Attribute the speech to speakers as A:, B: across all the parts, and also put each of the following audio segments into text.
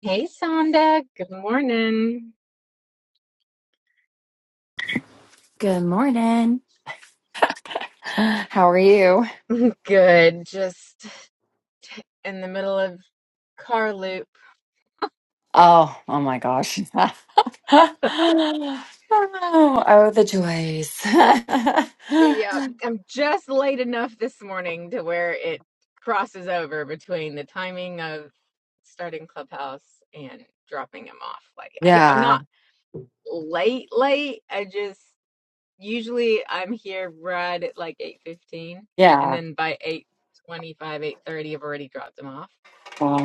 A: Hey, Sonda. Good morning.
B: Good morning. How are you?
A: Good. Just in the middle of car loop.
B: Oh, oh my gosh. oh, oh, the joys.
A: Yep. I'm just late enough this morning to where it crosses over between the timing of starting Clubhouse and dropping him off. Like, I, I'm
B: yeah,
A: not late, late. I just usually I'm here right at like 8:15, and
B: yeah.
A: then by 8:25, 8:30, I've already dropped him off.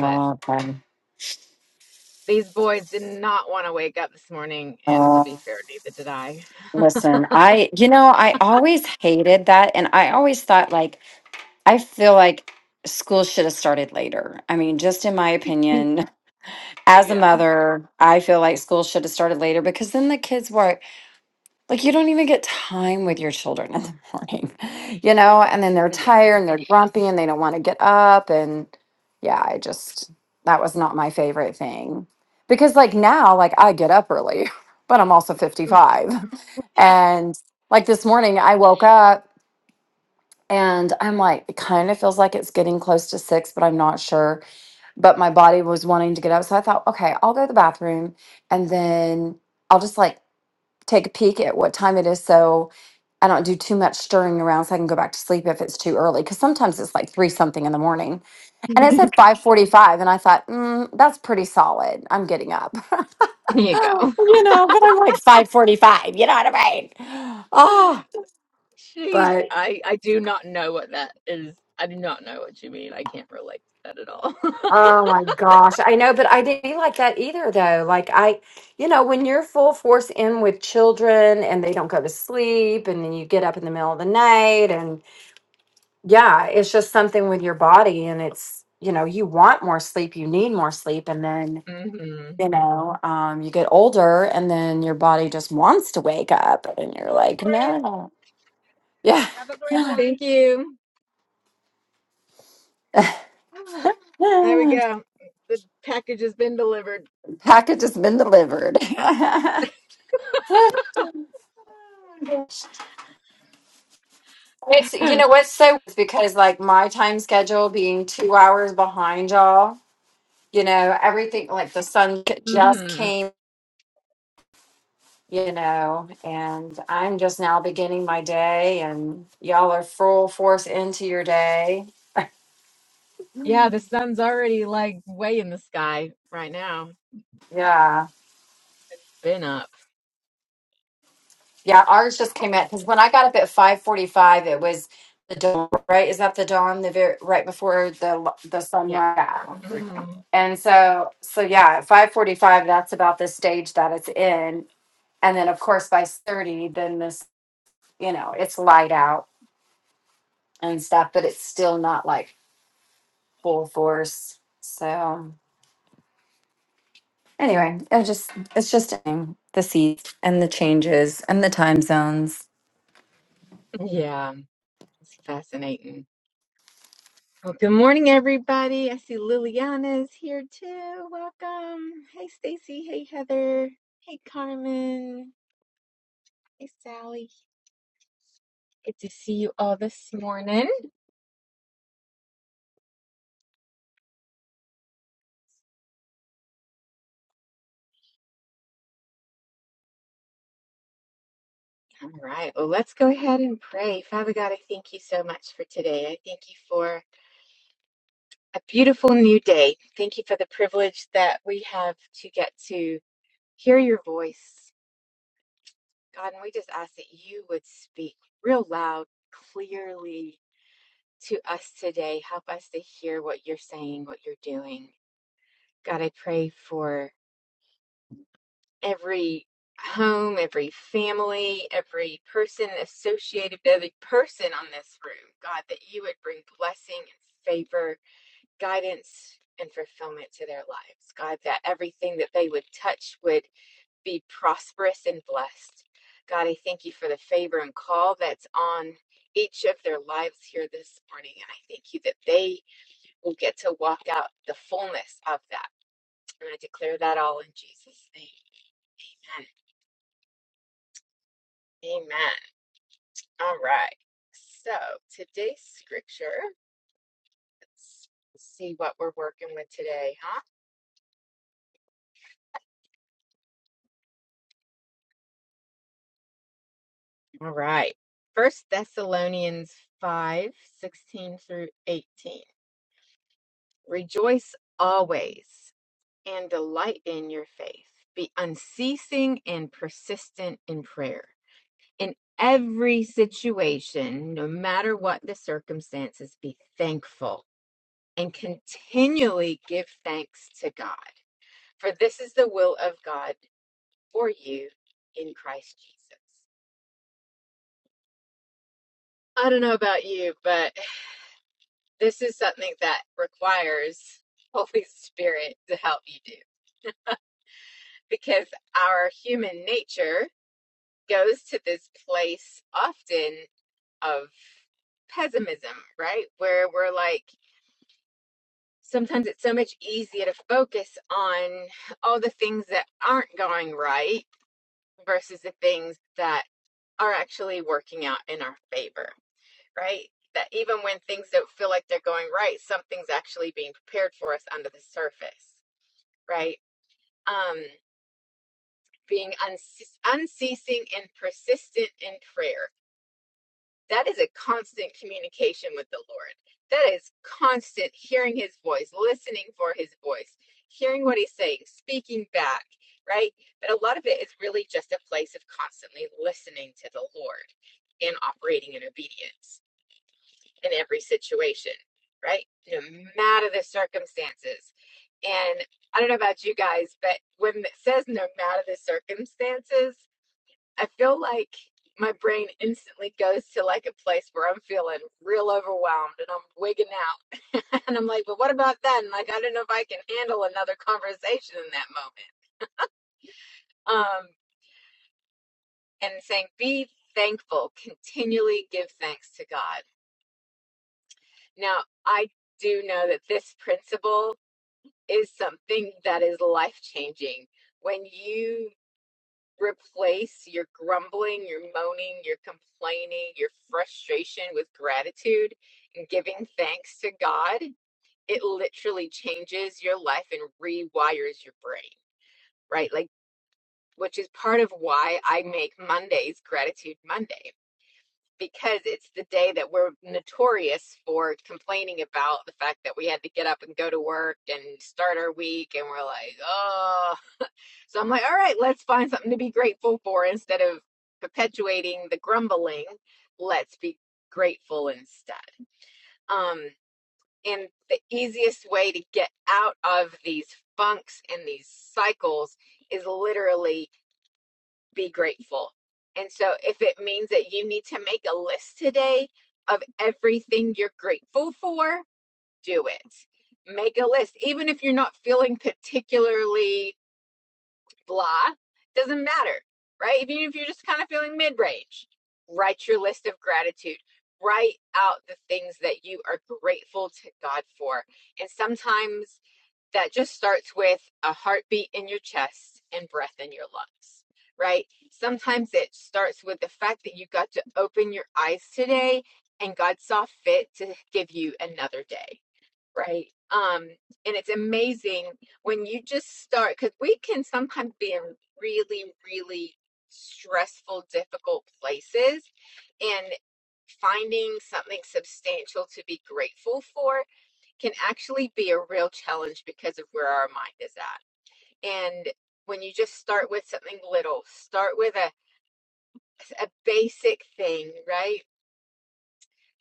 A: But
B: okay.
A: These boys did not want to wake up this morning, and to
B: Oh,
A: be fair, neither did I.
B: listen, I, you know, I always hated that. And I always thought, like, I feel like school should have started later. I mean, just in my opinion, as a
A: yeah.
B: mother, I feel like school should have started later because then the kids were. Like you don't even get time with your children in the morning, you know, and then they're
A: Yeah.
B: tired and they're grumpy and they don't want to get up. And yeah, I just, that was not my favorite thing. Because like now, like I get up early, but I'm also 55. And like this morning, I woke up and I'm like, it kind of feels like it's getting close to six, but I'm not sure. But my body was wanting to get up. So I thought, okay, I'll go to the bathroom and then I'll just like take a peek at what time it is so I don't do too much stirring around so I can go back to sleep if it's too early. Cause sometimes it's like three something in the morning. And it said five forty five and I thought, mm, that's pretty solid. I'm getting up.
A: Here you go.
B: you know, but I'm like five forty five, you know what I mean? Oh
A: Jeez,
B: but
A: I, I do not know what that is. I do not know what you mean. I can't relate to that at all.
B: oh my gosh. I know, but I didn't be like that either though. Like I you know, when you're full force in with children and they don't go to sleep and then you get up in the middle of the night and. yeah, it's just something with your body and it's, you know, you want more sleep, you need more sleep and then,
A: hmm
B: you know, um you get older and then your body just wants to wake up and you're
A: morning,
B: like,
A: friend.
B: "No." Yeah.
A: Have a great one. Thank you. There we go. The package has been delivered.
B: Package has been delivered. It's you
A: hmm
B: know what's so it's because like my time schedule being two hours behind y'all, you know, everything like the sun just came. you know, and I'm just now beginning my day, and y'all are full force into your day.
A: Yeah, the sun's already like way in the sky right now.
B: Yeah,
A: Been up.
B: yeah. Ours just came in because when I got up at five forty-five, it was the dawn. Right? Is that the dawn? The very, right before the the
A: Yeah.
B: sunrise.
A: Mm-hmm.
B: And so, so yeah, at five forty-five, that's about the stage that it's in. And then, of course, by thirty, then this, you know, it's light out and stuff, but it's still not like full force. So. Anyway, it just it's just um, the seats and the changes and the time zones.
A: Yeah, it's fascinating. Well, good morning, everybody. I see Liliana's here too. Welcome. Hey, Stacy. Hey, Heather. Hey, Carmen. Hey, Sally. Good to see you all this morning. All right. Well, let's go ahead and pray. Father God, I thank you so much for today. I thank you for a beautiful new day. Thank you for the privilege that we have to get to hear your voice. God, and we just ask that you would speak real loud, clearly to us today. Help us to hear what you're saying, what you're doing. God, I pray for every home, every family, every person associated, with every person on this room. God, that you would bring blessing and favor, guidance, and fulfillment to their lives. God, that everything that they would touch would be prosperous and blessed. God, I thank you for the favor and call that's on each of their lives here this morning. And I thank you that they we'll get to walk out the fullness of that. And I declare that all in Jesus' name. Amen. Amen. All right. So today's scripture, let's see what we're working with today, huh? All right. First Thessalonians 5 16 through 18. Rejoice always and delight in your faith. Be unceasing and persistent in prayer in every situation, no matter what the circumstances, be thankful and continually give thanks to God. For this is the will of God for you in Christ Jesus. I don't know about you, but this is something that requires Holy Spirit to help you do because our human nature goes to this place often of pessimism, right? Where we're like, sometimes it's so much easier to focus on all the things that aren't going right versus the things that are actually working out in our favor, right? That even when things don't feel like they're going right, something's actually being prepared for us under the surface, right? Um, being unce- unceasing and persistent in prayer that is a constant communication with the Lord. That is constant hearing his voice, listening for his voice, hearing what he's saying, speaking back, right? But a lot of it is really just a place of constantly listening to the Lord and operating in obedience in every situation, right? No matter the circumstances. And I don't know about you guys, but when it says no matter the circumstances, I feel like my brain instantly goes to like a place where I'm feeling real overwhelmed and I'm wigging out. and I'm like, but what about then? Like, I don't know if I can handle another conversation in that moment. Um, and saying, be thankful, continually give thanks to God. Now, I do know that this principle is something that is life changing. When you replace your grumbling, your moaning, your complaining, your frustration with gratitude and giving thanks to God, it literally changes your life and rewires your brain, right? Like, which is part of why I make Mondays Gratitude Monday. Because it's the day that we're notorious for complaining about the fact that we had to get up and go to work and start our week, and we're like, oh, so I'm like, all right, let's find something to be grateful for instead of perpetuating the grumbling. Let's be grateful instead. Um, and the easiest way to get out of these funks and these cycles is literally be grateful. And so if it means that you need to make a list today of everything you're grateful for, do it. Make a list, even if you're not feeling particularly blah, doesn't matter, right? Even if you're just kind of feeling mid range, write your list of gratitude. Write out the things that you are grateful to God for. And sometimes that just starts with a heartbeat in your chest and breath in your lungs, right? Sometimes it starts with the fact that you got to open your eyes today and God saw fit to give you another day right? Um, and it's amazing when you just start because we can sometimes be in really, really stressful, difficult places, and finding something substantial to be grateful for can actually be a real challenge because of where our mind is at. And when you just start with something little, start with a, a basic thing, right?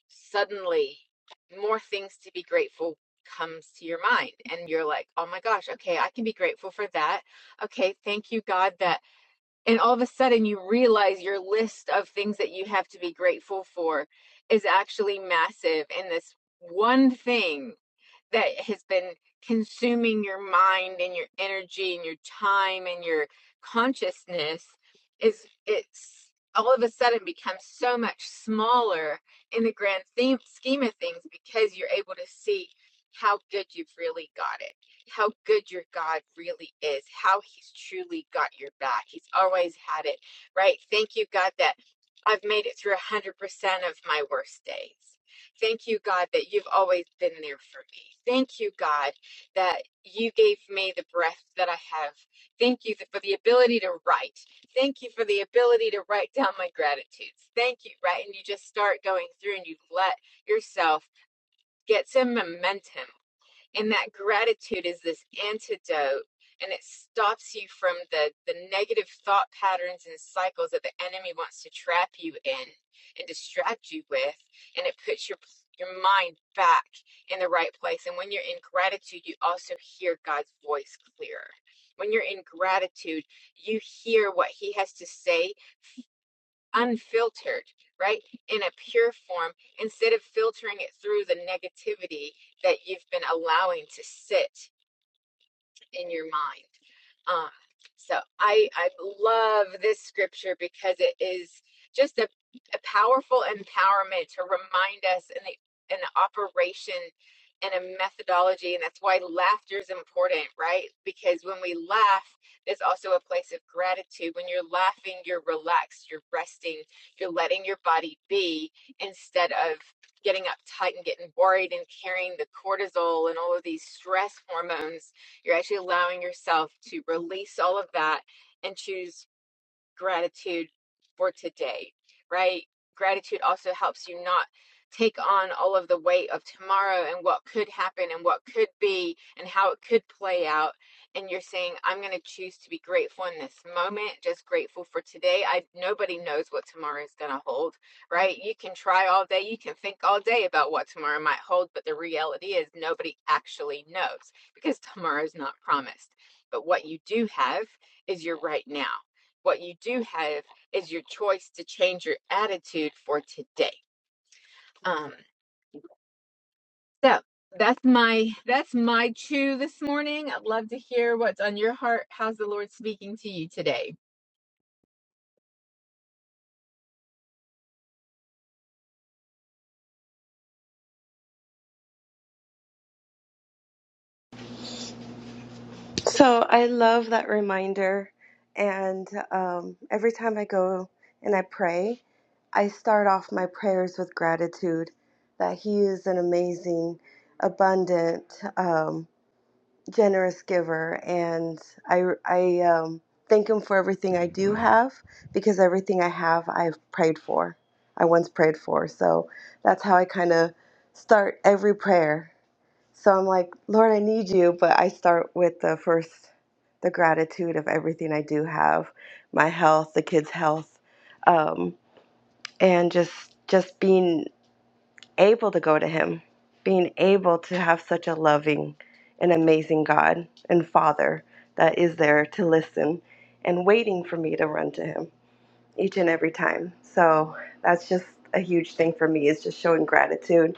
A: suddenly more things to be grateful comes to your mind and you're like oh my gosh okay i can be grateful for that okay thank you god that and all of a sudden you realize your list of things that you have to be grateful for is actually massive and this one thing that has been consuming your mind and your energy and your time and your consciousness is it's all of a sudden becomes so much smaller in the grand theme, scheme of things because you're able to see how good you've really got it how good your god really is how he's truly got your back he's always had it right thank you god that i've made it through 100% of my worst days Thank you, God, that you've always been there for me. Thank you, God, that you gave me the breath that I have. Thank you for the ability to write. Thank you for the ability to write down my gratitudes. Thank you, right? And you just start going through and you let yourself get some momentum and that gratitude is this antidote and it stops you from the the negative thought patterns and cycles that the enemy wants to trap you in and distract you with and it puts your your mind back in the right place and when you're in gratitude you also hear God's voice clearer when you're in gratitude you hear what he has to say unfiltered, right? In a pure form, instead of filtering it through the negativity that you've been allowing to sit in your mind. Um, so I I love this scripture because it is just a, a powerful empowerment to remind us in the in the operation and a methodology, and that's why laughter is important, right? Because when we laugh, there's also a place of gratitude. When you're laughing, you're relaxed, you're resting, you're letting your body be instead of getting uptight and getting worried and carrying the cortisol and all of these stress hormones you're actually allowing yourself to release all of that and choose gratitude for today, right? Gratitude also helps you not take on all of the weight of tomorrow and what could happen and what could be and how it could play out. And you're saying, I'm going to choose to be grateful in this moment, just grateful for today. I nobody knows what tomorrow is going to hold, right? You can try all day, you can think all day about what tomorrow might hold, but the reality is nobody actually knows because tomorrow is not promised. But what you do have is your right now what you do have is your choice to change your attitude for today. Um, so that's my that's my chew this morning. I'd love to hear what's on your heart. How's the Lord speaking to you today?
C: So I love that reminder. And um, every time I go and I pray, I start off my prayers with gratitude that He is an amazing, abundant, um, generous giver. And I, I um, thank Him for everything I do have because everything I have, I've prayed for. I once prayed for. So that's how I kind of start every prayer. So I'm like, Lord, I need you. But I start with the first, the gratitude of everything I do have, my health, the kids' health, um, and just just being able to go to Him, being able to have such a loving and amazing God and Father that is there to listen and waiting for me to run to Him each and every time. So that's just a huge thing for me is just showing gratitude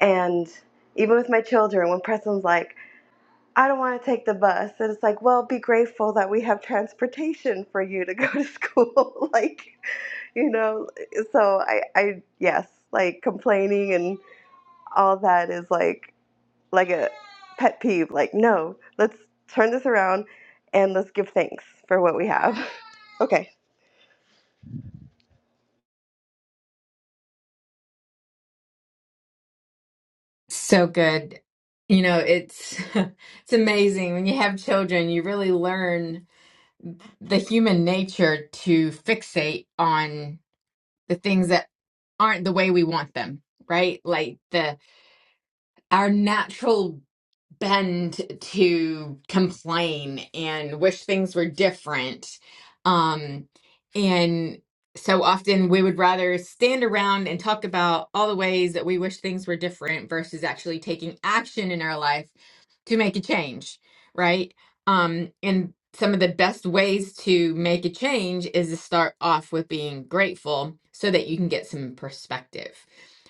C: and even with my children when preston's like I don't want to take the bus. And it's like, well, be grateful that we have transportation for you to go to school. like, you know, so I, I, yes, like complaining and all that is like, like a pet peeve. Like, no, let's turn this around and let's give thanks for what we have. Okay.
A: So good. You know, it's it's amazing when you have children, you really learn the human nature to fixate on the things that aren't the way we want them, right? Like the our natural bend to complain and wish things were different. Um, and so often we would rather stand around and talk about all the ways that we wish things were different versus actually taking action in our life to make a change, right? Um, and some of the best ways to make a change is to start off with being grateful so that you can get some perspective,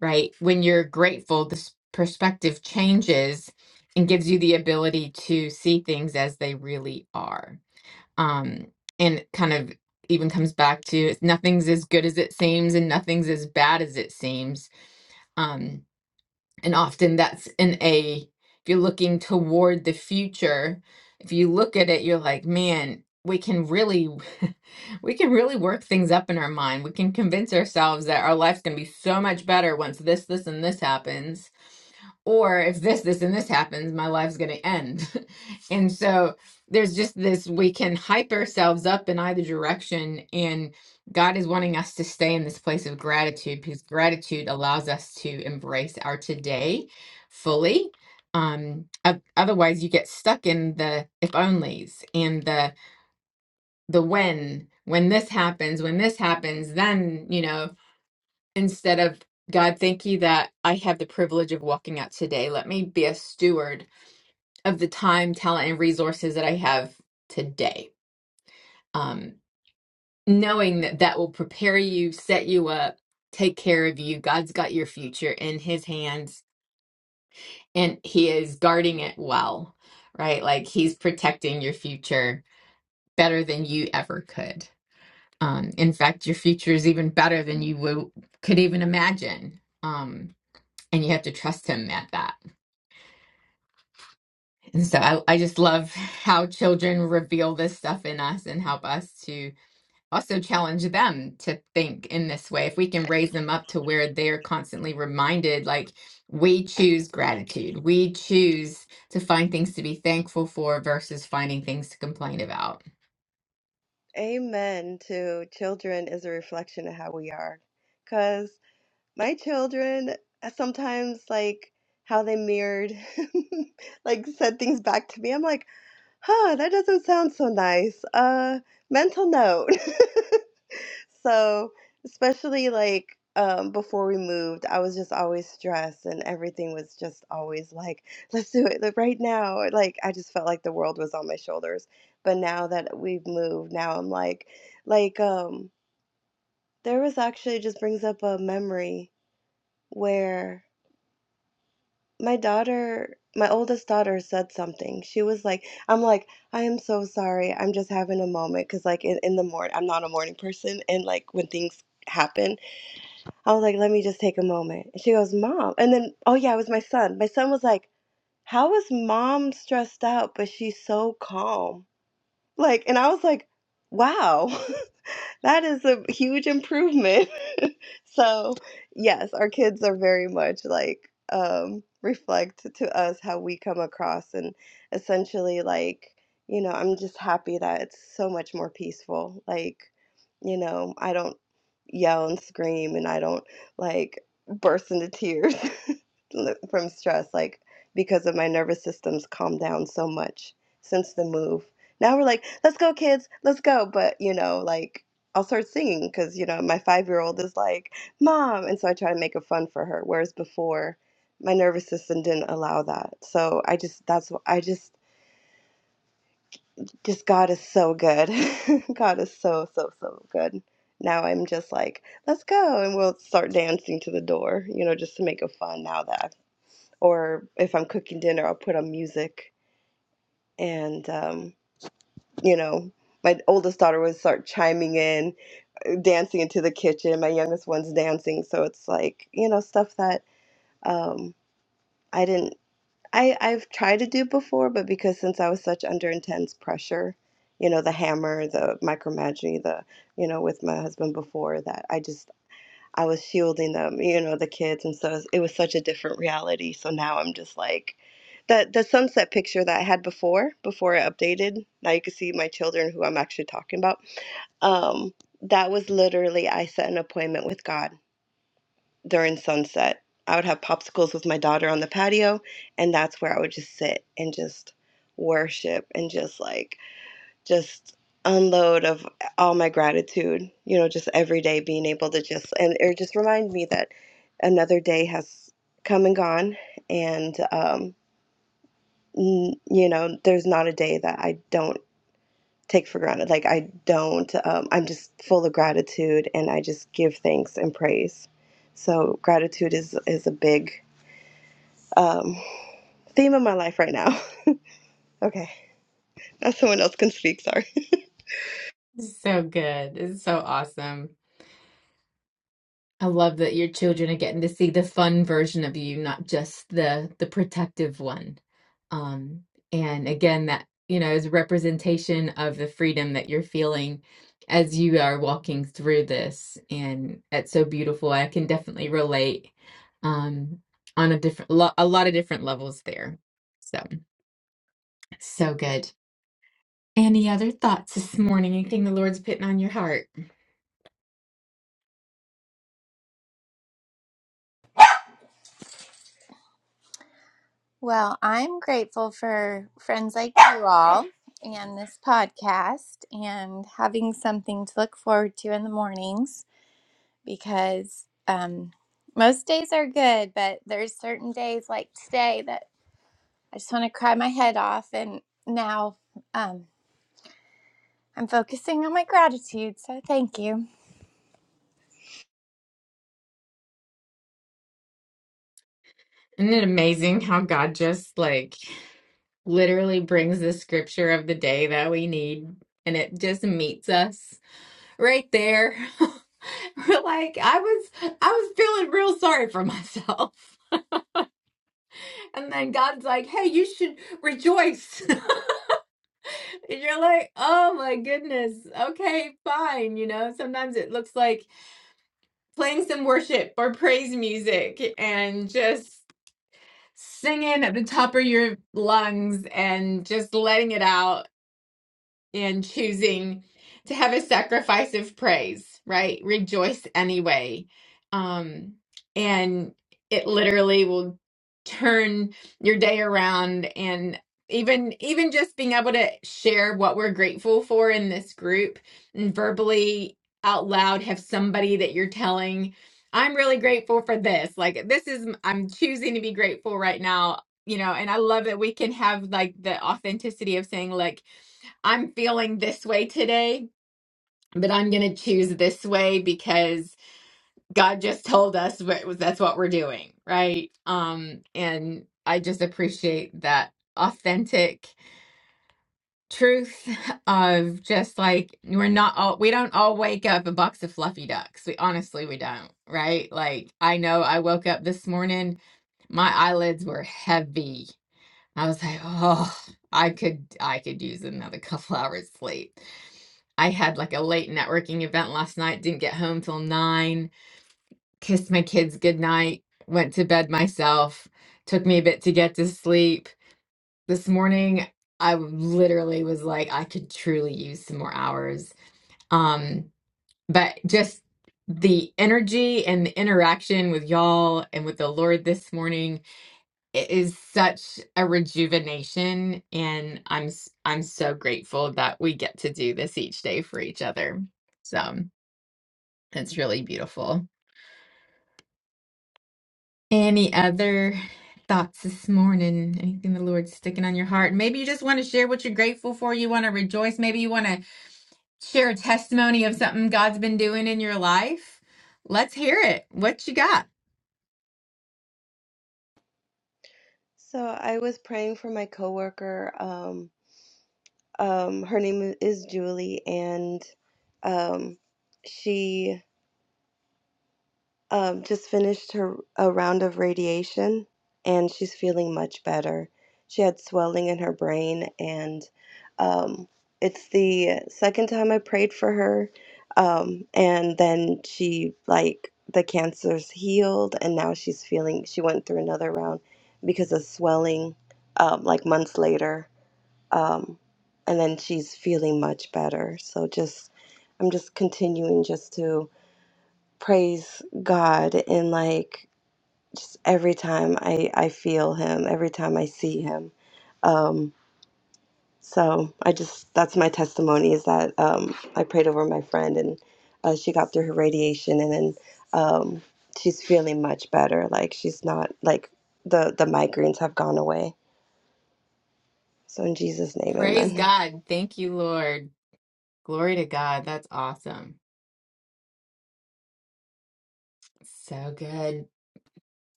A: right? When you're grateful, this perspective changes and gives you the ability to see things as they really are. Um, and it kind of even comes back to nothing's as good as it seems and nothing's as bad as it seems. Um, and often that's in a, if you're looking toward the future, if you look at it, you're like, man, we can really, we can really work things up in our mind. We can convince ourselves that our life's going to be so much better once this, this, and this happens. Or if this, this, and this happens, my life's going to end. and so there's just this, we can hype ourselves up in either direction. and. God is wanting us to stay in this place of gratitude because gratitude allows us to embrace our today fully. Um, o- otherwise, you get stuck in the if onlys and the the when when this happens, when this happens, then you know instead of God, thank you that I have the privilege of walking out today. Let me be a steward of the time, talent, and resources that I have today. Um, knowing that that will prepare you, set you up, take care of you. God's got your future in his hands and he is guarding it well, right? Like he's protecting your future better than you ever could. Um, in fact, your future is even better than you would, could even imagine. Um, and you have to trust him at that. And so I, I just love how children reveal this stuff in us and help us to also challenge them to think in this way. If we can raise them up to where they're constantly reminded, like, we choose gratitude, we choose to find things to be thankful for versus finding things to complain about.
C: Amen to children is a reflection of how we are. because. my children uh, sometimes like how they mirrored like said things back to me i'm like huh that doesn't sound so nice uh mental note so especially like um, before we moved i was just always stressed and everything was just always like let's do it like, right now like i just felt like the world was on my shoulders but now that we've moved now i'm like like um there was actually it just brings up a memory where My daughter, my oldest daughter said something. She was like, I'm like, I am so sorry. I'm just having a moment because, like, in, in the morning, I'm not a morning person. And, like, when things happen, I was like, let me just take a moment. And she goes, Mom. And then, oh, yeah, it was my son. My son was like, How is mom stressed out, but she's so calm? Like, and I was like, Wow, that is a huge improvement. So, yes, our kids are very much like um, reflect to us how we come across, and essentially, like, you know, I'm just happy that it's so much more peaceful. Like, you know, I don't yell and scream, and I don't like burst into tears from stress, like because of my nervous system's calmed down so much since the move. Now we're like, let's go, kids, let's go. But you know, like I'll start singing because you know my five year old is like, mom, and so I try to make it fun for her. Whereas before, my nervous system didn't allow that. So I just that's what I just just God is so good. God is so so so good. Now I'm just like, let's go, and we'll start dancing to the door, you know, just to make it fun. Now that I've or if I'm cooking dinner, I'll put on music. And, um, you know, my oldest daughter would start chiming in, uh, dancing into the kitchen. My youngest one's dancing. So it's like, you know, stuff that um, I didn't, I, I've tried to do before, but because since I was such under intense pressure, you know, the hammer, the micromanaging, the, you know, with my husband before that, I just I was shielding them, you know, the kids, and so it was such a different reality. So now I'm just like the the sunset picture that I had before, before I updated. Now you can see my children who I'm actually talking about. Um, that was literally I set an appointment with God during sunset. I would have popsicles with my daughter on the patio, and that's where I would just sit and just worship and just like just unload of all my gratitude, you know, just every day being able to just, and it just remind me that another day has come and gone. And, um, n- you know, there's not a day that I don't take for granted. Like, I don't, um, I'm just full of gratitude and I just give thanks and praise. So, gratitude is, is a big um, theme of my life right now. okay. Now, someone else can speak. Sorry.
A: So good. It's so awesome. I love that your children are getting to see the fun version of you, not just the the protective one. Um, and again, that you know is a representation of the freedom that you're feeling as you are walking through this, and that's so beautiful. I can definitely relate um, on a different, lo- a lot of different levels there. So, so good. Any other thoughts this morning? Anything the Lord's putting on your heart?
D: Well, I'm grateful for friends like you all and this podcast and having something to look forward to in the mornings because um, most days are good, but there's certain days like today that I just want to cry my head off. And now um, I'm focusing on my gratitude. So thank you.
A: Isn't it amazing how God just like literally brings the scripture of the day that we need and it just meets us right there? We're like, I was I was feeling real sorry for myself. And then God's like, "Hey, you should rejoice." And you're like, "Oh my goodness. Okay, fine." You know, sometimes it looks like playing some worship or praise music and just singing at the top of your lungs and just letting it out and choosing to have a sacrifice of praise, right? Rejoice anyway. Um, and it literally will turn your day around and even even just being able to share what we're grateful for in this group and verbally out loud have somebody that you're telling I'm really grateful for this. Like this is I'm choosing to be grateful right now, you know, and I love that we can have like the authenticity of saying like I'm feeling this way today, but I'm going to choose this way because God just told us what, that's what we're doing, right? Um, and I just appreciate that authentic truth of just like we're not all we don't all wake up a box of fluffy ducks. We honestly we don't, right? Like I know I woke up this morning, my eyelids were heavy I was like, "Oh, I could I could use another couple hours sleep." I had, like, a late networking event last night, didn't get home till 9, kissed my kids goodnight, went to bed myself, took me a bit to get to sleep. This morning, I w- literally was like, I could truly use some more hours. Um, but just the energy and the interaction with y'all and with the Lord this morning it is such a rejuvenation and i'm s- i'm so grateful that we get to do this each day for each other so it's really beautiful any other thoughts this morning anything the lord's sticking on your heart maybe you just want to share what you're grateful for you want to rejoice maybe you want to share a testimony of something god's been doing in your life let's hear it what you got
C: So, I was praying for my coworker. Um, Um, her name is Julie, and um, she um, just finished her a round of radiation, and she's feeling much better. She had swelling in her brain, and um, it's the second time I prayed for her, um, and then she like the cancer's healed, and now she's feeling. She went through another round because of swelling, um, like months later um, and then she's feeling much better. So just I'm just continuing just to praise God and like just every time I I feel Him, every time I see Him. Um, so I just that's my testimony is that um, I prayed over my friend and uh, she got through her radiation and then um, she's feeling much better. Like she's not like the the migraines have gone away. So in Jesus' name,
A: praise
C: Amen.
A: god thank you lord glory to god that's awesome so good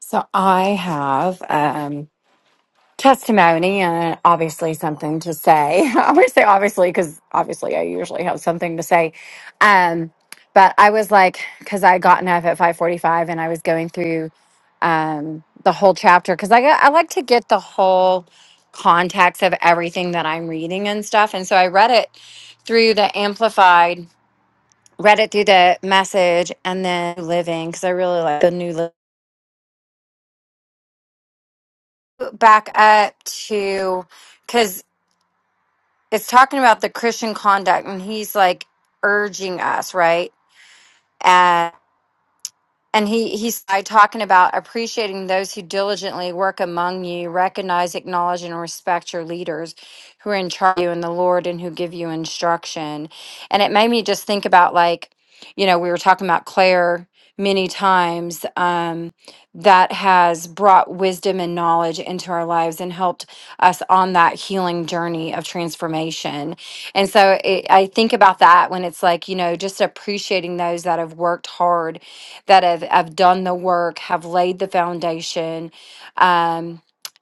B: So I have um testimony and obviously something to say. I'm going to say obviously because obviously I usually have something to say. Um, but I was like, because I had gotten up at 5:45 and I was going through um the whole chapter because I got, I like to get the whole context of everything that I'm reading and stuff. And so I read it through the amplified read it through the message and then living because I really like the new living. Back up to because it's talking about the Christian conduct and he's like urging us, right? And he, he started talking about appreciating those who diligently work among you, recognize, acknowledge, and respect your leaders who are in charge of you in the Lord and who give you instruction. And it made me just think about, like, you know, we were talking about Claire many times um, that has brought wisdom and knowledge into our lives and helped us on that healing journey of transformation. And so it, I think about that when it's like, you know, just appreciating those that have worked hard that have, have done the work, have laid the foundation. Um,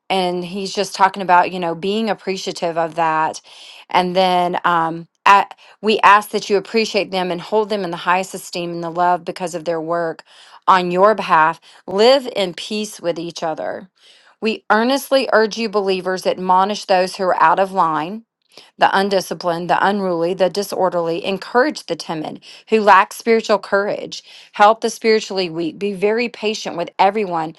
B: and he's just talking about, you know, being appreciative of that. And then um, at, we ask that you appreciate them and hold them in the highest esteem and the love because of their work on your behalf. Live in peace with each other. We earnestly urge you, believers, admonish those who are out of line the undisciplined, the unruly, the disorderly. Encourage the timid who lack spiritual courage. Help the spiritually weak. Be very patient with everyone,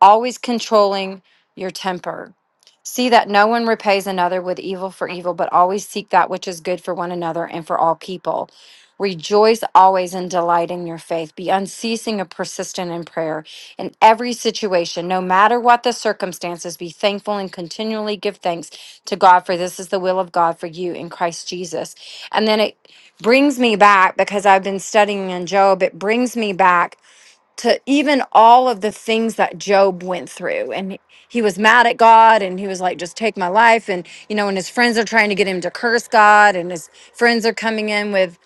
B: always controlling your temper. See that no one repays another with evil for evil, but always seek that which is good for one another and for all people. Rejoice always and delight in your faith. Be unceasing and persistent in prayer. In every situation, no matter what the circumstances, be thankful and continually give thanks to God, for this is the will of God for you in Christ Jesus. And then it brings me back because I've been studying in Job, it brings me back to even all of the things that Job went through. And he he was mad at God and he was like, just take my life. And, you know, and his friends are trying to get him to curse God and his friends are coming in with,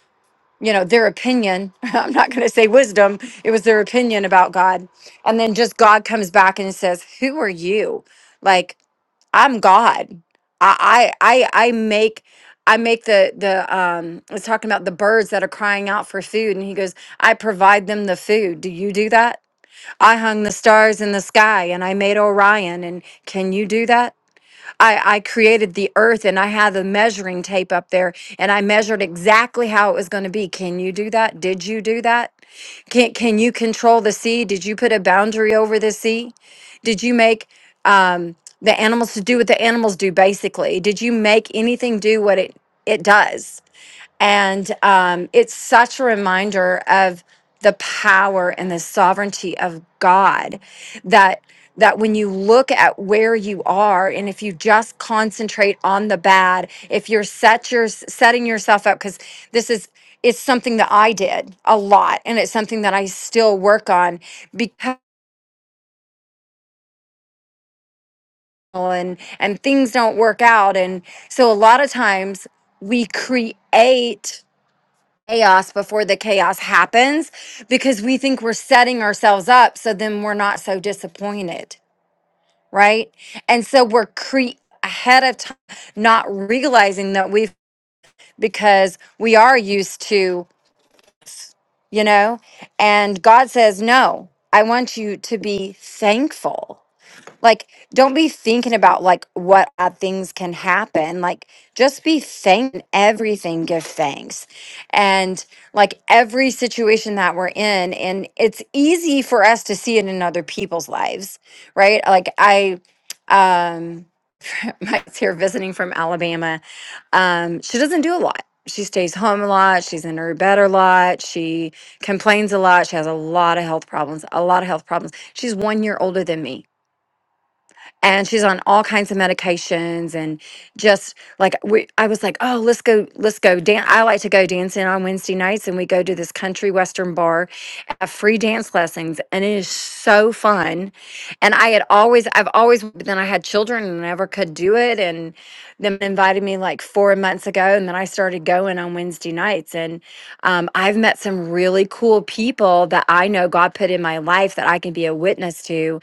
B: you know, their opinion. I'm not going to say wisdom, it was their opinion about God. And then just God comes back and says, Who are you? Like, I'm God. I I I I make I make the the um I was talking about the birds that are crying out for food and he goes, I provide them the food. Do you do that? I hung the stars in the sky and I made Orion and can you do that? I, I created the earth and I had the measuring tape up there and I measured exactly how it was going to be. Can you do that? Did you do that? Can can you control the sea? Did you put a boundary over the sea? Did you make um, the animals to do what the animals do? Basically, did you make anything do what it it does? And um, it's such a reminder of the power and the sovereignty of God that that when you look at where you are and if you just concentrate on the bad if you're set your, setting yourself up because this is it's something that i did a lot and it's something that i still work on because and and things don't work out and so a lot of times we create chaos before the chaos happens because we think we're setting ourselves up so then we're not so disappointed, right? And so we're cre- ahead of time not realizing that we've because we are used to, you know, and God says, "No, I want you to be thankful." Like, don't be thinking about like what bad things can happen. Like, just be thank everything. Give thanks, and like every situation that we're in, and it's easy for us to see it in other people's lives, right? Like I, um, Mike's here visiting from Alabama. Um, she doesn't do a lot. She stays home a lot. She's in her bed a lot. She complains a lot. She has a lot of health problems. A lot of health problems. She's one year older than me and she's on all kinds of medications and just like we I was like, "Oh, let's go let's go dance. I like to go dancing on Wednesday nights and we go to this country western bar, have free dance lessons and it is so fun." And I had always I've always but then I had children and never could do it and them invited me like 4 months ago and then I started going on Wednesday nights and um, I've met some really cool people that I know God put in my life that I can be a witness to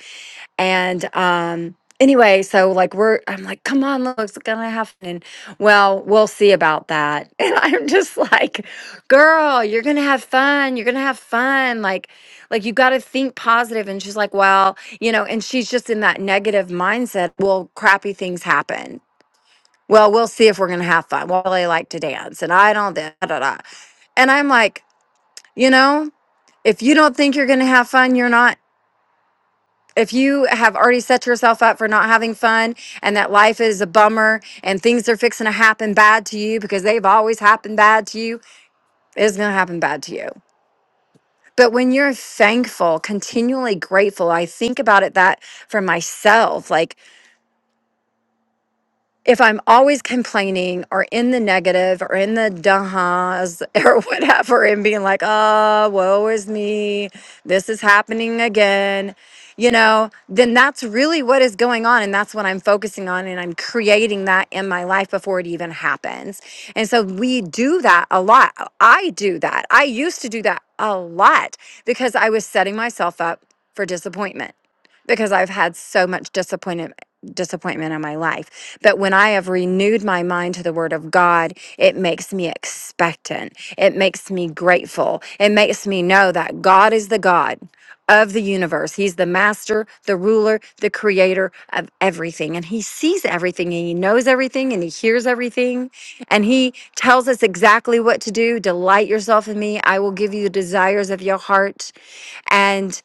B: and um anyway, so like we're I'm like, come on, look, it's gonna happen. Well, we'll see about that. And I'm just like, girl, you're gonna have fun. You're gonna have fun. Like, like you gotta think positive. And she's like, Well, you know, and she's just in that negative mindset. Well, crappy things happen. Well, we'll see if we're gonna have fun. Well, they like to dance and I don't da, da, da. And I'm like, you know, if you don't think you're gonna have fun, you're not if you have already set yourself up for not having fun and that life is a bummer and things are fixing to happen bad to you because they've always happened bad to you, it's going to happen bad to you. But when you're thankful, continually grateful, I think about it that for myself. Like if I'm always complaining or in the negative or in the duhas or whatever and being like, oh, woe is me, this is happening again, you know, then that's really what is going on. And that's what I'm focusing on. And I'm creating that in my life before it even happens. And so we do that a lot. I do that. I used to do that a lot because I was setting myself up for disappointment because I've had so much disappointment disappointment in my life. But when I have renewed my mind to the word of God, it makes me expectant. It makes me grateful. It makes me know that God is the God of the universe. He's the master, the ruler, the creator of everything. And he sees everything and he knows everything and he hears everything. And he tells us exactly what to do. Delight yourself in me. I will give you the desires of your heart. and.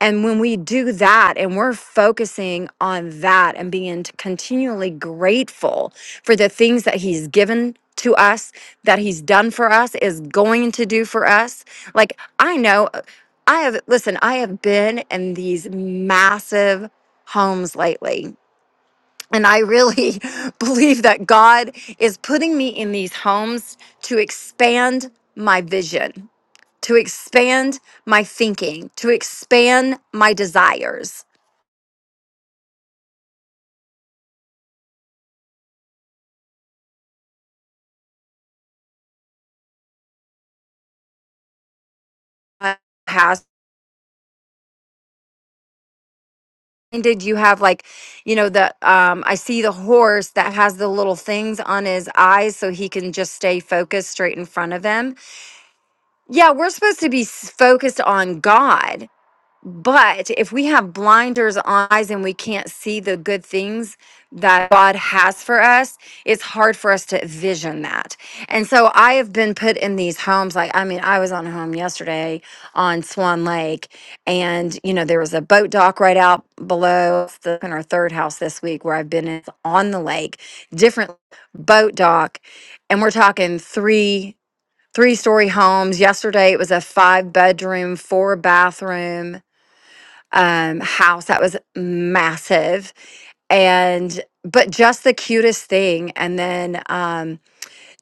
B: And when we do that and we're focusing on that and being t- continually grateful for the things that He's given to us, that He's done for us, is going to do for us. Like, I know uh, I have, listen, I have been in these massive homes lately. And I really believe that God is putting me in these homes to expand my vision to expand my thinking, to expand my desires. Uh, Has did you have like, you know, the um I see the horse that has the little things on his eyes so he can just stay focused straight in front of him. Yeah, we're supposed to be s- focused on God But if we have blinders on eyes and we can't see the good things that God has for us, it's hard for us to vision that. And so I have been put in these homes. Like, I mean, I was on a home yesterday on Swan Lake, and, you know, there was a boat dock right out below It's the second or third house this week where I've been in- on the lake, different boat dock. And we're talking three. Three story homes. Yesterday it was a five bedroom, four bathroom um, house that was massive and but just the cutest thing and then um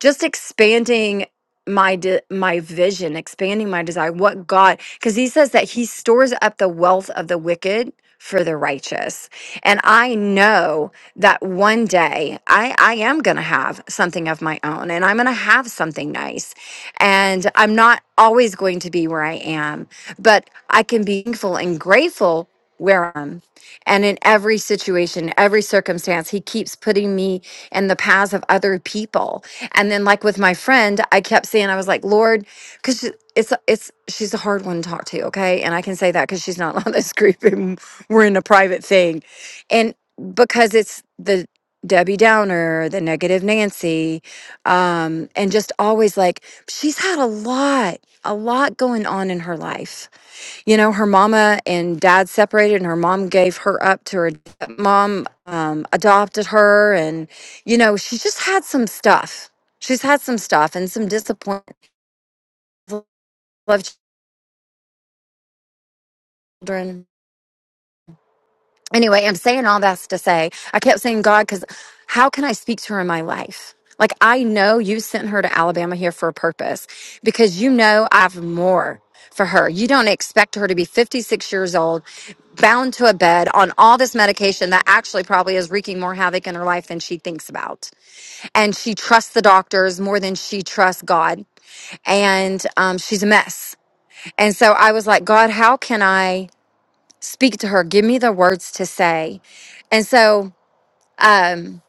B: just expanding my de- my vision expanding my desire what god because he says that he stores up the wealth of the wicked for the righteous and i know that one day i i am going to have something of my own and i'm going to have something nice and i'm not always going to be where i am but i can be thankful and grateful where i'm and in every situation every circumstance he keeps putting me in the paths of other people and then like with my friend, I kept saying I was like, "Lord, cuz it's it's she's a hard one to talk to, okay? And I can say that cuz she's not on this group and we're in a private thing. And because it's the Debbie Downer, the negative Nancy, um and just always like she's had a lot a lot going on in her life you know, her mama and dad separated, and her mom gave her up to her mom, um, adopted her, and you know, she's just had some stuff. She's had some stuff and some disappointment. Love children. Anyway, I'm saying all that's to say, I kept saying, God, because how can I speak to her in my life? Like, I know you sent her to Alabama here for a purpose because you know I have more for her. You don't expect her to be 56 years old, bound to a bed on all this medication that actually probably is wreaking more havoc in her life than she thinks about. And she trusts the doctors more than she trusts God. And um, she's a mess. And so I was like, God, how can I? speak to her give me the words to say and so um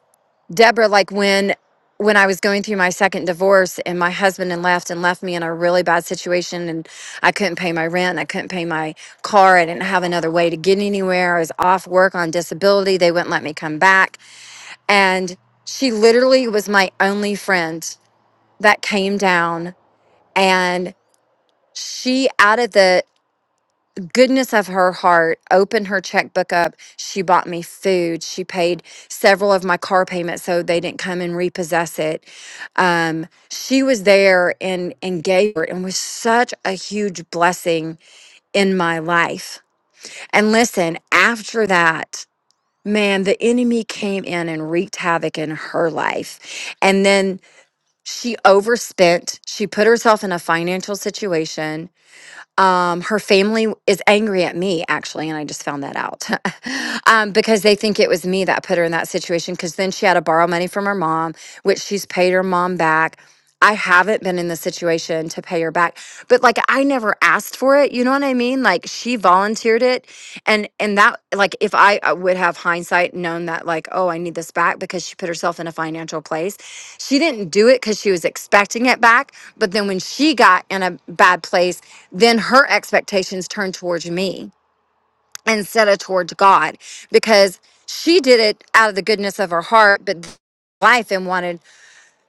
B: deborah like when when i was going through my second divorce and my husband and left and left me in a really bad situation and i couldn't pay my rent i couldn't pay my car i didn't have another way to get anywhere i was off work on disability they wouldn't let me come back and she literally was my only friend that came down and she out of the goodness of her heart, opened her checkbook up. She bought me food. She paid several of my car payments so they didn't come and repossess it. Um, she was there and and gave her and was such a huge blessing in my life. And listen, after that, man, the enemy came in and wreaked havoc in her life. And then she overspent. She put herself in a financial situation um, her family is angry at me, actually, and I just found that out um, because they think it was me that put her in that situation. Because then she had to borrow money from her mom, which she's paid her mom back. I haven't been in the situation to pay her back, but like I never asked for it. You know what I mean? Like she volunteered it and and that like if I, I would have hindsight known that like oh i need this back because she put herself in a financial place she didn't do it because she was expecting it back but then when she got in a bad place then her expectations turned towards me instead of towards god because she did it out of the goodness of her heart but th- life and wanted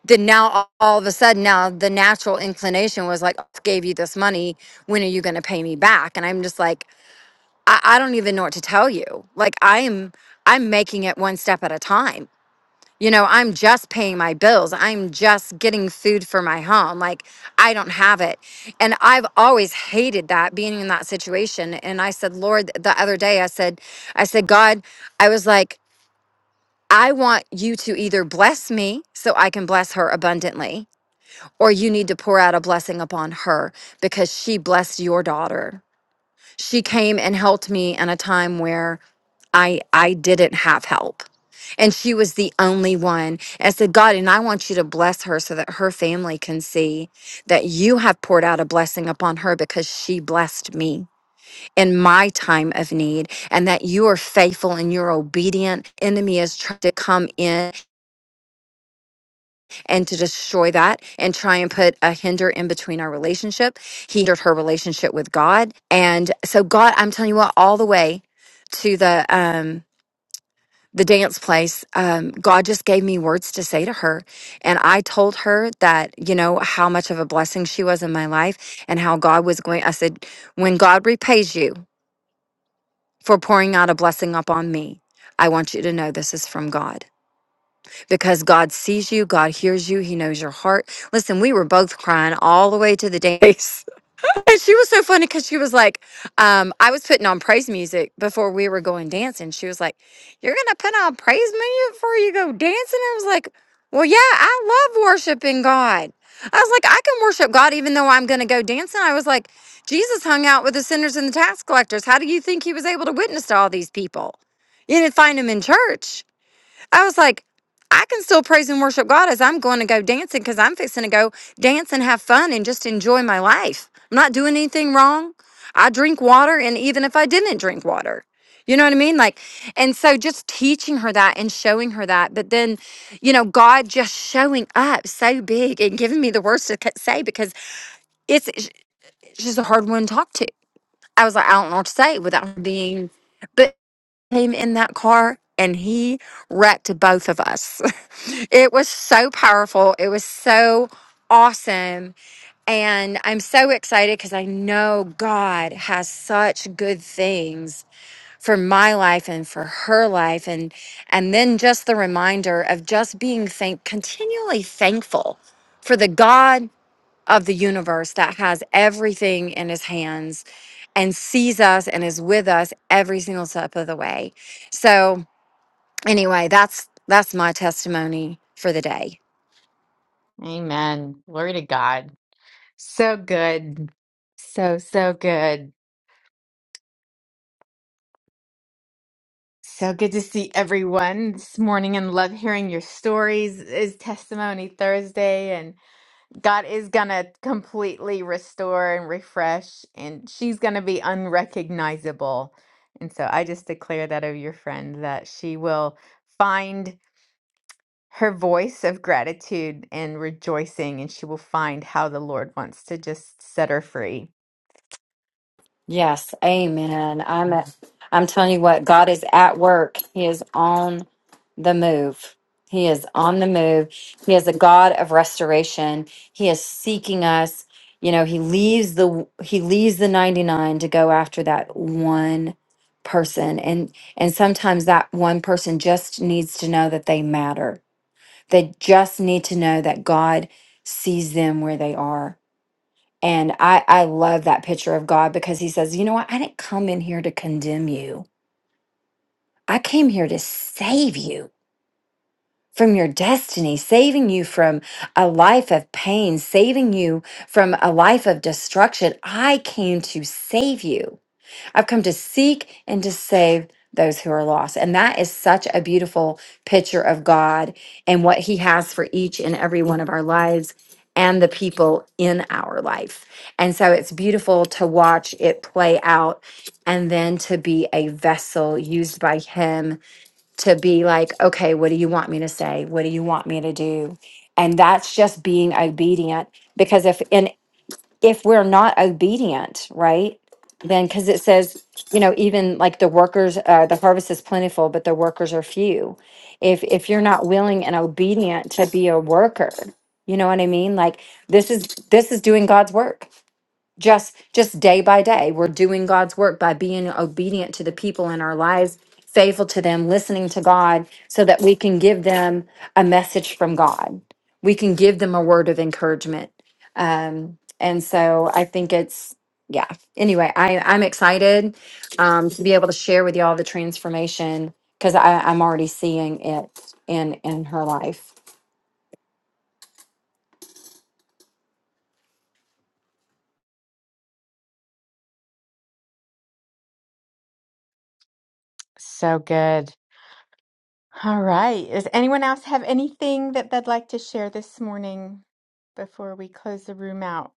B: then now all all of a sudden now the natural inclination was like "I gave you this money when are you going to pay me back and i'm just like I, I don't even know what to tell you. Like I'm I'm making it one step at a time. You know, I'm just paying my bills. I'm just getting food for my home. Like I don't have it. And I've always hated that being in that situation. And I said, Lord, the other day I said, I said, God, I was like, I want you to either bless me so I can bless her abundantly, or you need to pour out a blessing upon her because she blessed your daughter. She came and helped me in a time where I I didn't have help. And she was the only one. And I said, God, and I want you to bless her so that her family can see that you have poured out a blessing upon her because she blessed me in my time of need and that you are faithful and you're obedient. Enemy is trying to come in and to destroy that and try and put a hinder in between our relationship. He hindered her relationship with God. And so God, I'm telling you what, all the way to the um the dance place, um, God just gave me words to say to her. And I told her that, you know, how much of a blessing she was in my life and how God was going. I said, when God repays you for pouring out a blessing upon me, I want you to know this is from God because God sees you, God hears you, He knows your heart. Listen, we were both crying all the way to the dance And she was so funny because she was like, um, I was putting on praise music before we were going dancing. She was like, You're going to put on praise music before you go dancing? I was like, Well, yeah, I love worshiping God. I was like, I can worship God even though I'm going to go dancing. I was like, Jesus hung out with the sinners and the tax collectors. How do you think he was able to witness to all these people? You didn't find him in church. I was like, I can still praise and worship God as I'm going to go dancing because I'm fixing to go dance and have fun and just enjoy my life. I'm not doing anything wrong. I drink water, and even if I didn't drink water, you know what I mean? Like, and so just teaching her that and showing her that, but then, you know, God just showing up so big and giving me the words to c- say because it's, it's just a hard one to talk to. I was like, I don't know what to say without her being, but came in that car and he wrecked both of us. it was so powerful. It was so awesome. And I'm so excited because I know God has such good things for my life and for her life. And and then just the reminder of just being thank continually thankful for the God of the universe that has everything in his hands and sees us and is with us every single step of the way. So, anyway, that's that's my testimony for the day.
A: Amen. Glory to God. So good. So, so good. So good to see everyone this morning and love hearing your stories. It Is Testimony Thursday, and God is going to completely restore and refresh, and she's going to be unrecognizable. And so I just declare that of your friend that she will find her voice of gratitude and rejoicing, and she will find how the Lord wants to just set her free.
B: Yes, amen. I'm at, I'm telling you what, God is at work. He is on the move. He is on the move. He is a God of restoration. He is seeking us. You know, he leaves the he leaves the 99 to go after that one person and and sometimes that one person just needs to know that they matter. They just need to know that God sees them where they are and I, I love that picture of God because he says, you know what? I didn't come in here to condemn you. I came here to save you from your destiny, saving you from a life of pain, saving you from a life of destruction. I came to save you. I've come to seek and to save those who are lost. And that is such a beautiful picture of God and what He has for each and every one of our lives and the people in our life. And so it's beautiful to watch it play out and then to be a vessel used by Him to be like, okay, what do you want me to say? What do you want me to do? And that's just being obedient because if in if we're not obedient, right? Then, because it says, you know, even like the workers, uh, the harvest is plentiful, but the workers are few. If if you're not willing and obedient to be a worker, you know what I mean? Like this is this is doing God's work just just day by day we're doing god's work by being obedient to the people in our lives faithful to them listening to god so that we can give them a message from god we can give them a word of encouragement um, and so i think it's yeah anyway I, i'm excited um, to be able to share with y'all the transformation because i'm already seeing it in in her life
A: So good. All right. Does anyone else have anything that they'd like to share this morning before we close the room out?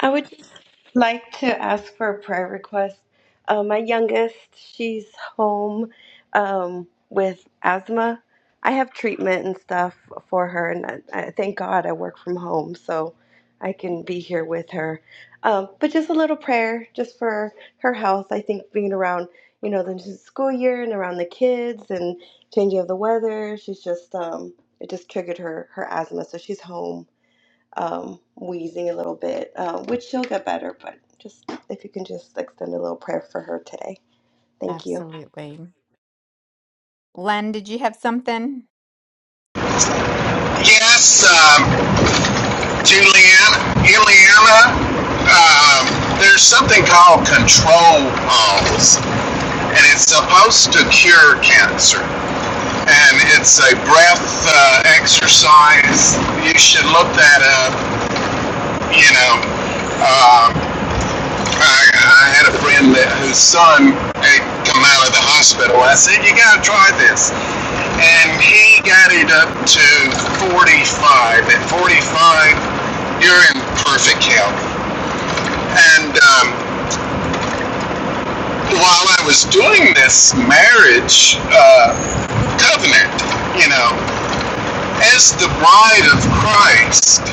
C: I would just like to ask for a prayer request. Uh, my youngest, she's home um, with asthma. I have treatment and stuff for her, and I, I, thank God I work from home, so I can be here with her. Um, but just a little prayer, just for her health. I think being around, you know, the new school year and around the kids and changing of the weather, she's just um, it just triggered her her asthma, so she's home um, wheezing a little bit, um, which she'll get better. But just if you can just extend a little prayer for her today. Thank you.
A: Absolutely. Len, did you have something?
E: Yes, um, Juliana, Ileana, um, there's something called control alls, and it's supposed to cure cancer. And it's a breath uh, exercise. You should look that up. You know, um, I, I had a friend that whose son had come out of the hospital. I said, "You got to try this," and he got it up to 45. At 45, you're in perfect health. And um, while I was doing this marriage uh, covenant, you know, as the bride of Christ,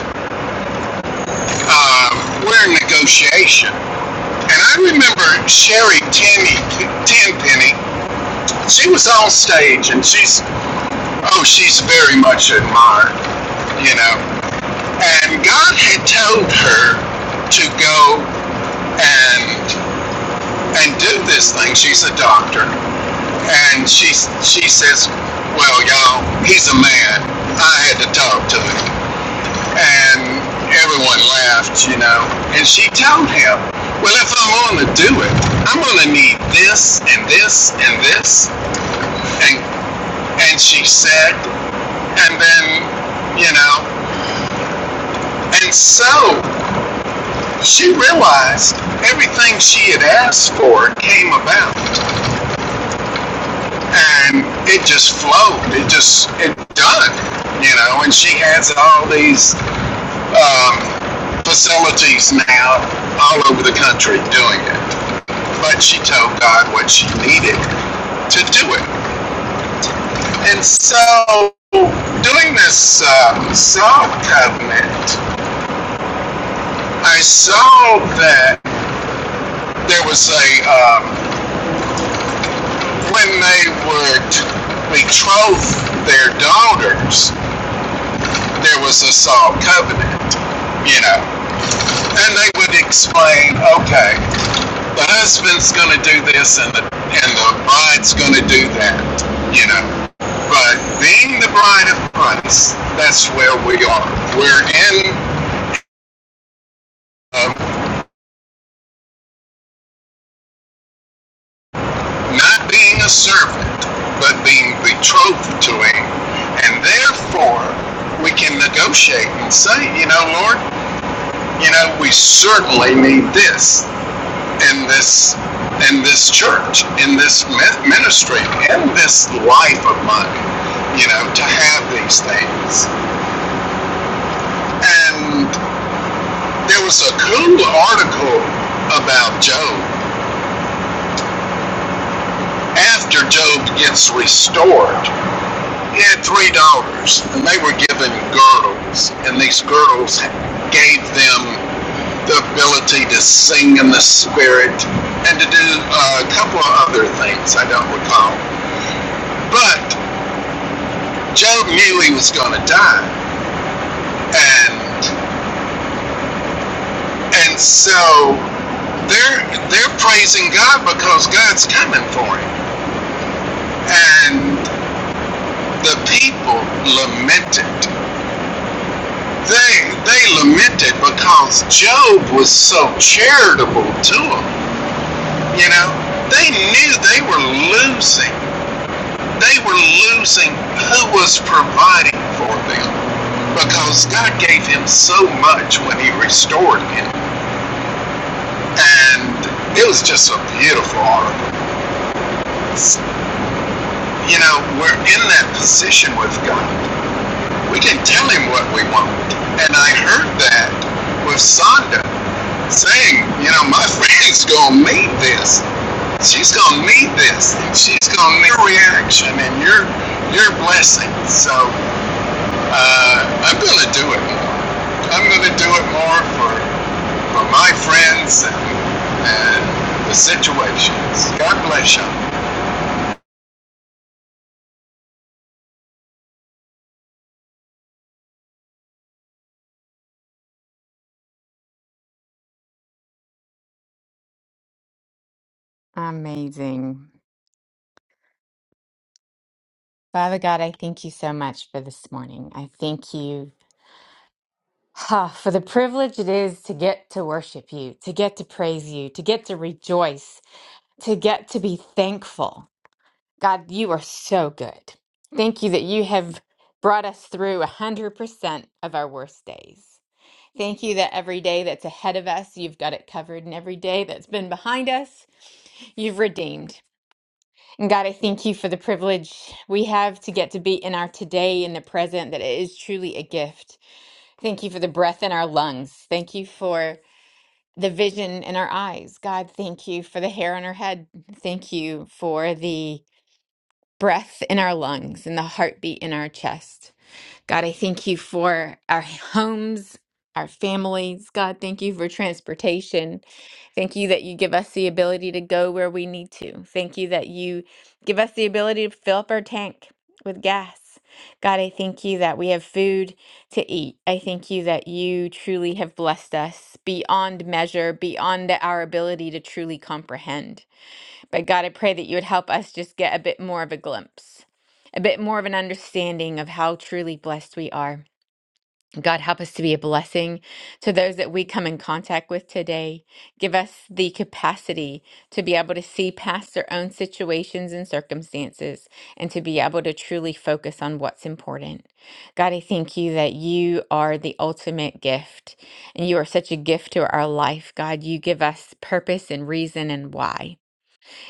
E: um, we're in negotiation. And I remember Sherry Tenny, Tenpenny she was on stage and she's oh she's very much admired you know and god had told her to go and and do this thing she's a doctor and she she says well y'all he's a man i had to talk to him and everyone laughed you know and she told him well if i'm going to do it i'm going to need this and this and this and and she said and then you know and so she realized everything she had asked for came about and it just flowed it just it done you know and she has all these um, facilities now all over the country doing it but she told god what she needed to do it and so doing this uh, salt covenant i saw that there was a um, when they would betroth their daughters, there was a solemn covenant, you know, and they would explain, okay, the husband's going to do this, and the and the bride's going to do that, you know. But being the bride of Christ, that's where we are. We're in. Um, not being a servant, but being betrothed to Him. And therefore, we can negotiate and say, you know, Lord, you know, we certainly need this in this in this church, in this ministry, in this life of mine, you know, to have these things. And there was a cool article about Job after Job gets restored. He had three daughters, and they were given girdles, and these girdles gave them the ability to sing in the spirit and to do uh, a couple of other things I don't recall. But Job knew he was going to die, and and so they're they're praising God because God's coming for him, and the people lamented They they lamented because Job was so charitable to them. You know, they knew they were losing. They were losing who was providing for them because God gave him so much when he restored him. And it was just a beautiful article. You know, we're in that position with God. We can tell him what we want. And I heard that with Sonda saying, you know, my friend's gonna need this. She's gonna need this. She's gonna need your reaction and your your blessing. So uh, I'm gonna do it more. I'm gonna do it more for for my friends and and the situations. God bless you.
A: Amazing. Father God, I thank you so much for this morning. I thank you ha, for the privilege it is to get to worship you, to get to praise you, to get to rejoice, to get to be thankful. God, you are so good. Thank you that you have brought us through 100% of our worst days. Thank you that every day that's ahead of us, you've got it covered, and every day that's been behind us, you've redeemed. And God, I thank you for the privilege we have to get to be in our today in the present, that it is truly a gift. Thank you for the breath in our lungs. Thank you for the vision in our eyes. God, thank you for the hair on our head. Thank you for the breath in our lungs and the heartbeat in our chest. God, I thank you for our homes, our families. God, thank you for transportation. Thank you that you give us the ability to go where we need to. Thank you that you give us the ability to fill up our tank with gas. God, I thank you that we have food to eat. I thank you that you truly have blessed us beyond measure, beyond our ability to truly comprehend. But God, I pray that you would help us just get a bit more of a glimpse, a bit more of an understanding of how truly blessed we are. God, help us to be a blessing to those that we come in contact with today. Give us the capacity to be able to see past their own situations and circumstances and to be able to truly focus on what's important. God, I thank you that you are the ultimate gift and you are such a gift to our life. God, you give us purpose and reason and why.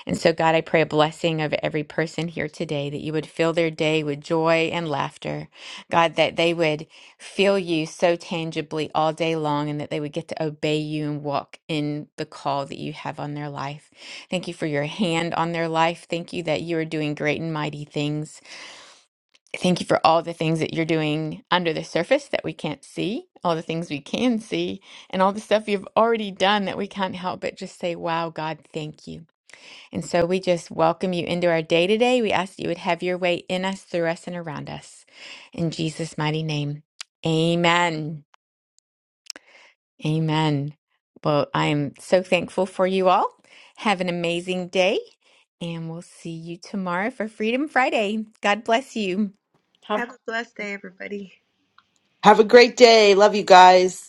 A: And so, God, I pray a blessing of every person here today that you would fill their day with joy and laughter. God, that they would feel you so tangibly all day long and that they would get to obey you and walk in the call that you have on their life. Thank you for your hand on their life. Thank you that you are doing great and mighty things. Thank you for all the things that you're doing under the surface that we can't see, all the things we can see, and all the stuff you've already done that we can't help but just say, wow, God, thank you. And so we just welcome you into our day today. We ask that you would have your way in us, through us, and around us. In Jesus' mighty name, amen. Amen. Well, I am so thankful for you all. Have an amazing day, and we'll see you tomorrow for Freedom Friday. God bless you.
C: Have a blessed day, everybody.
F: Have a great day. Love you guys.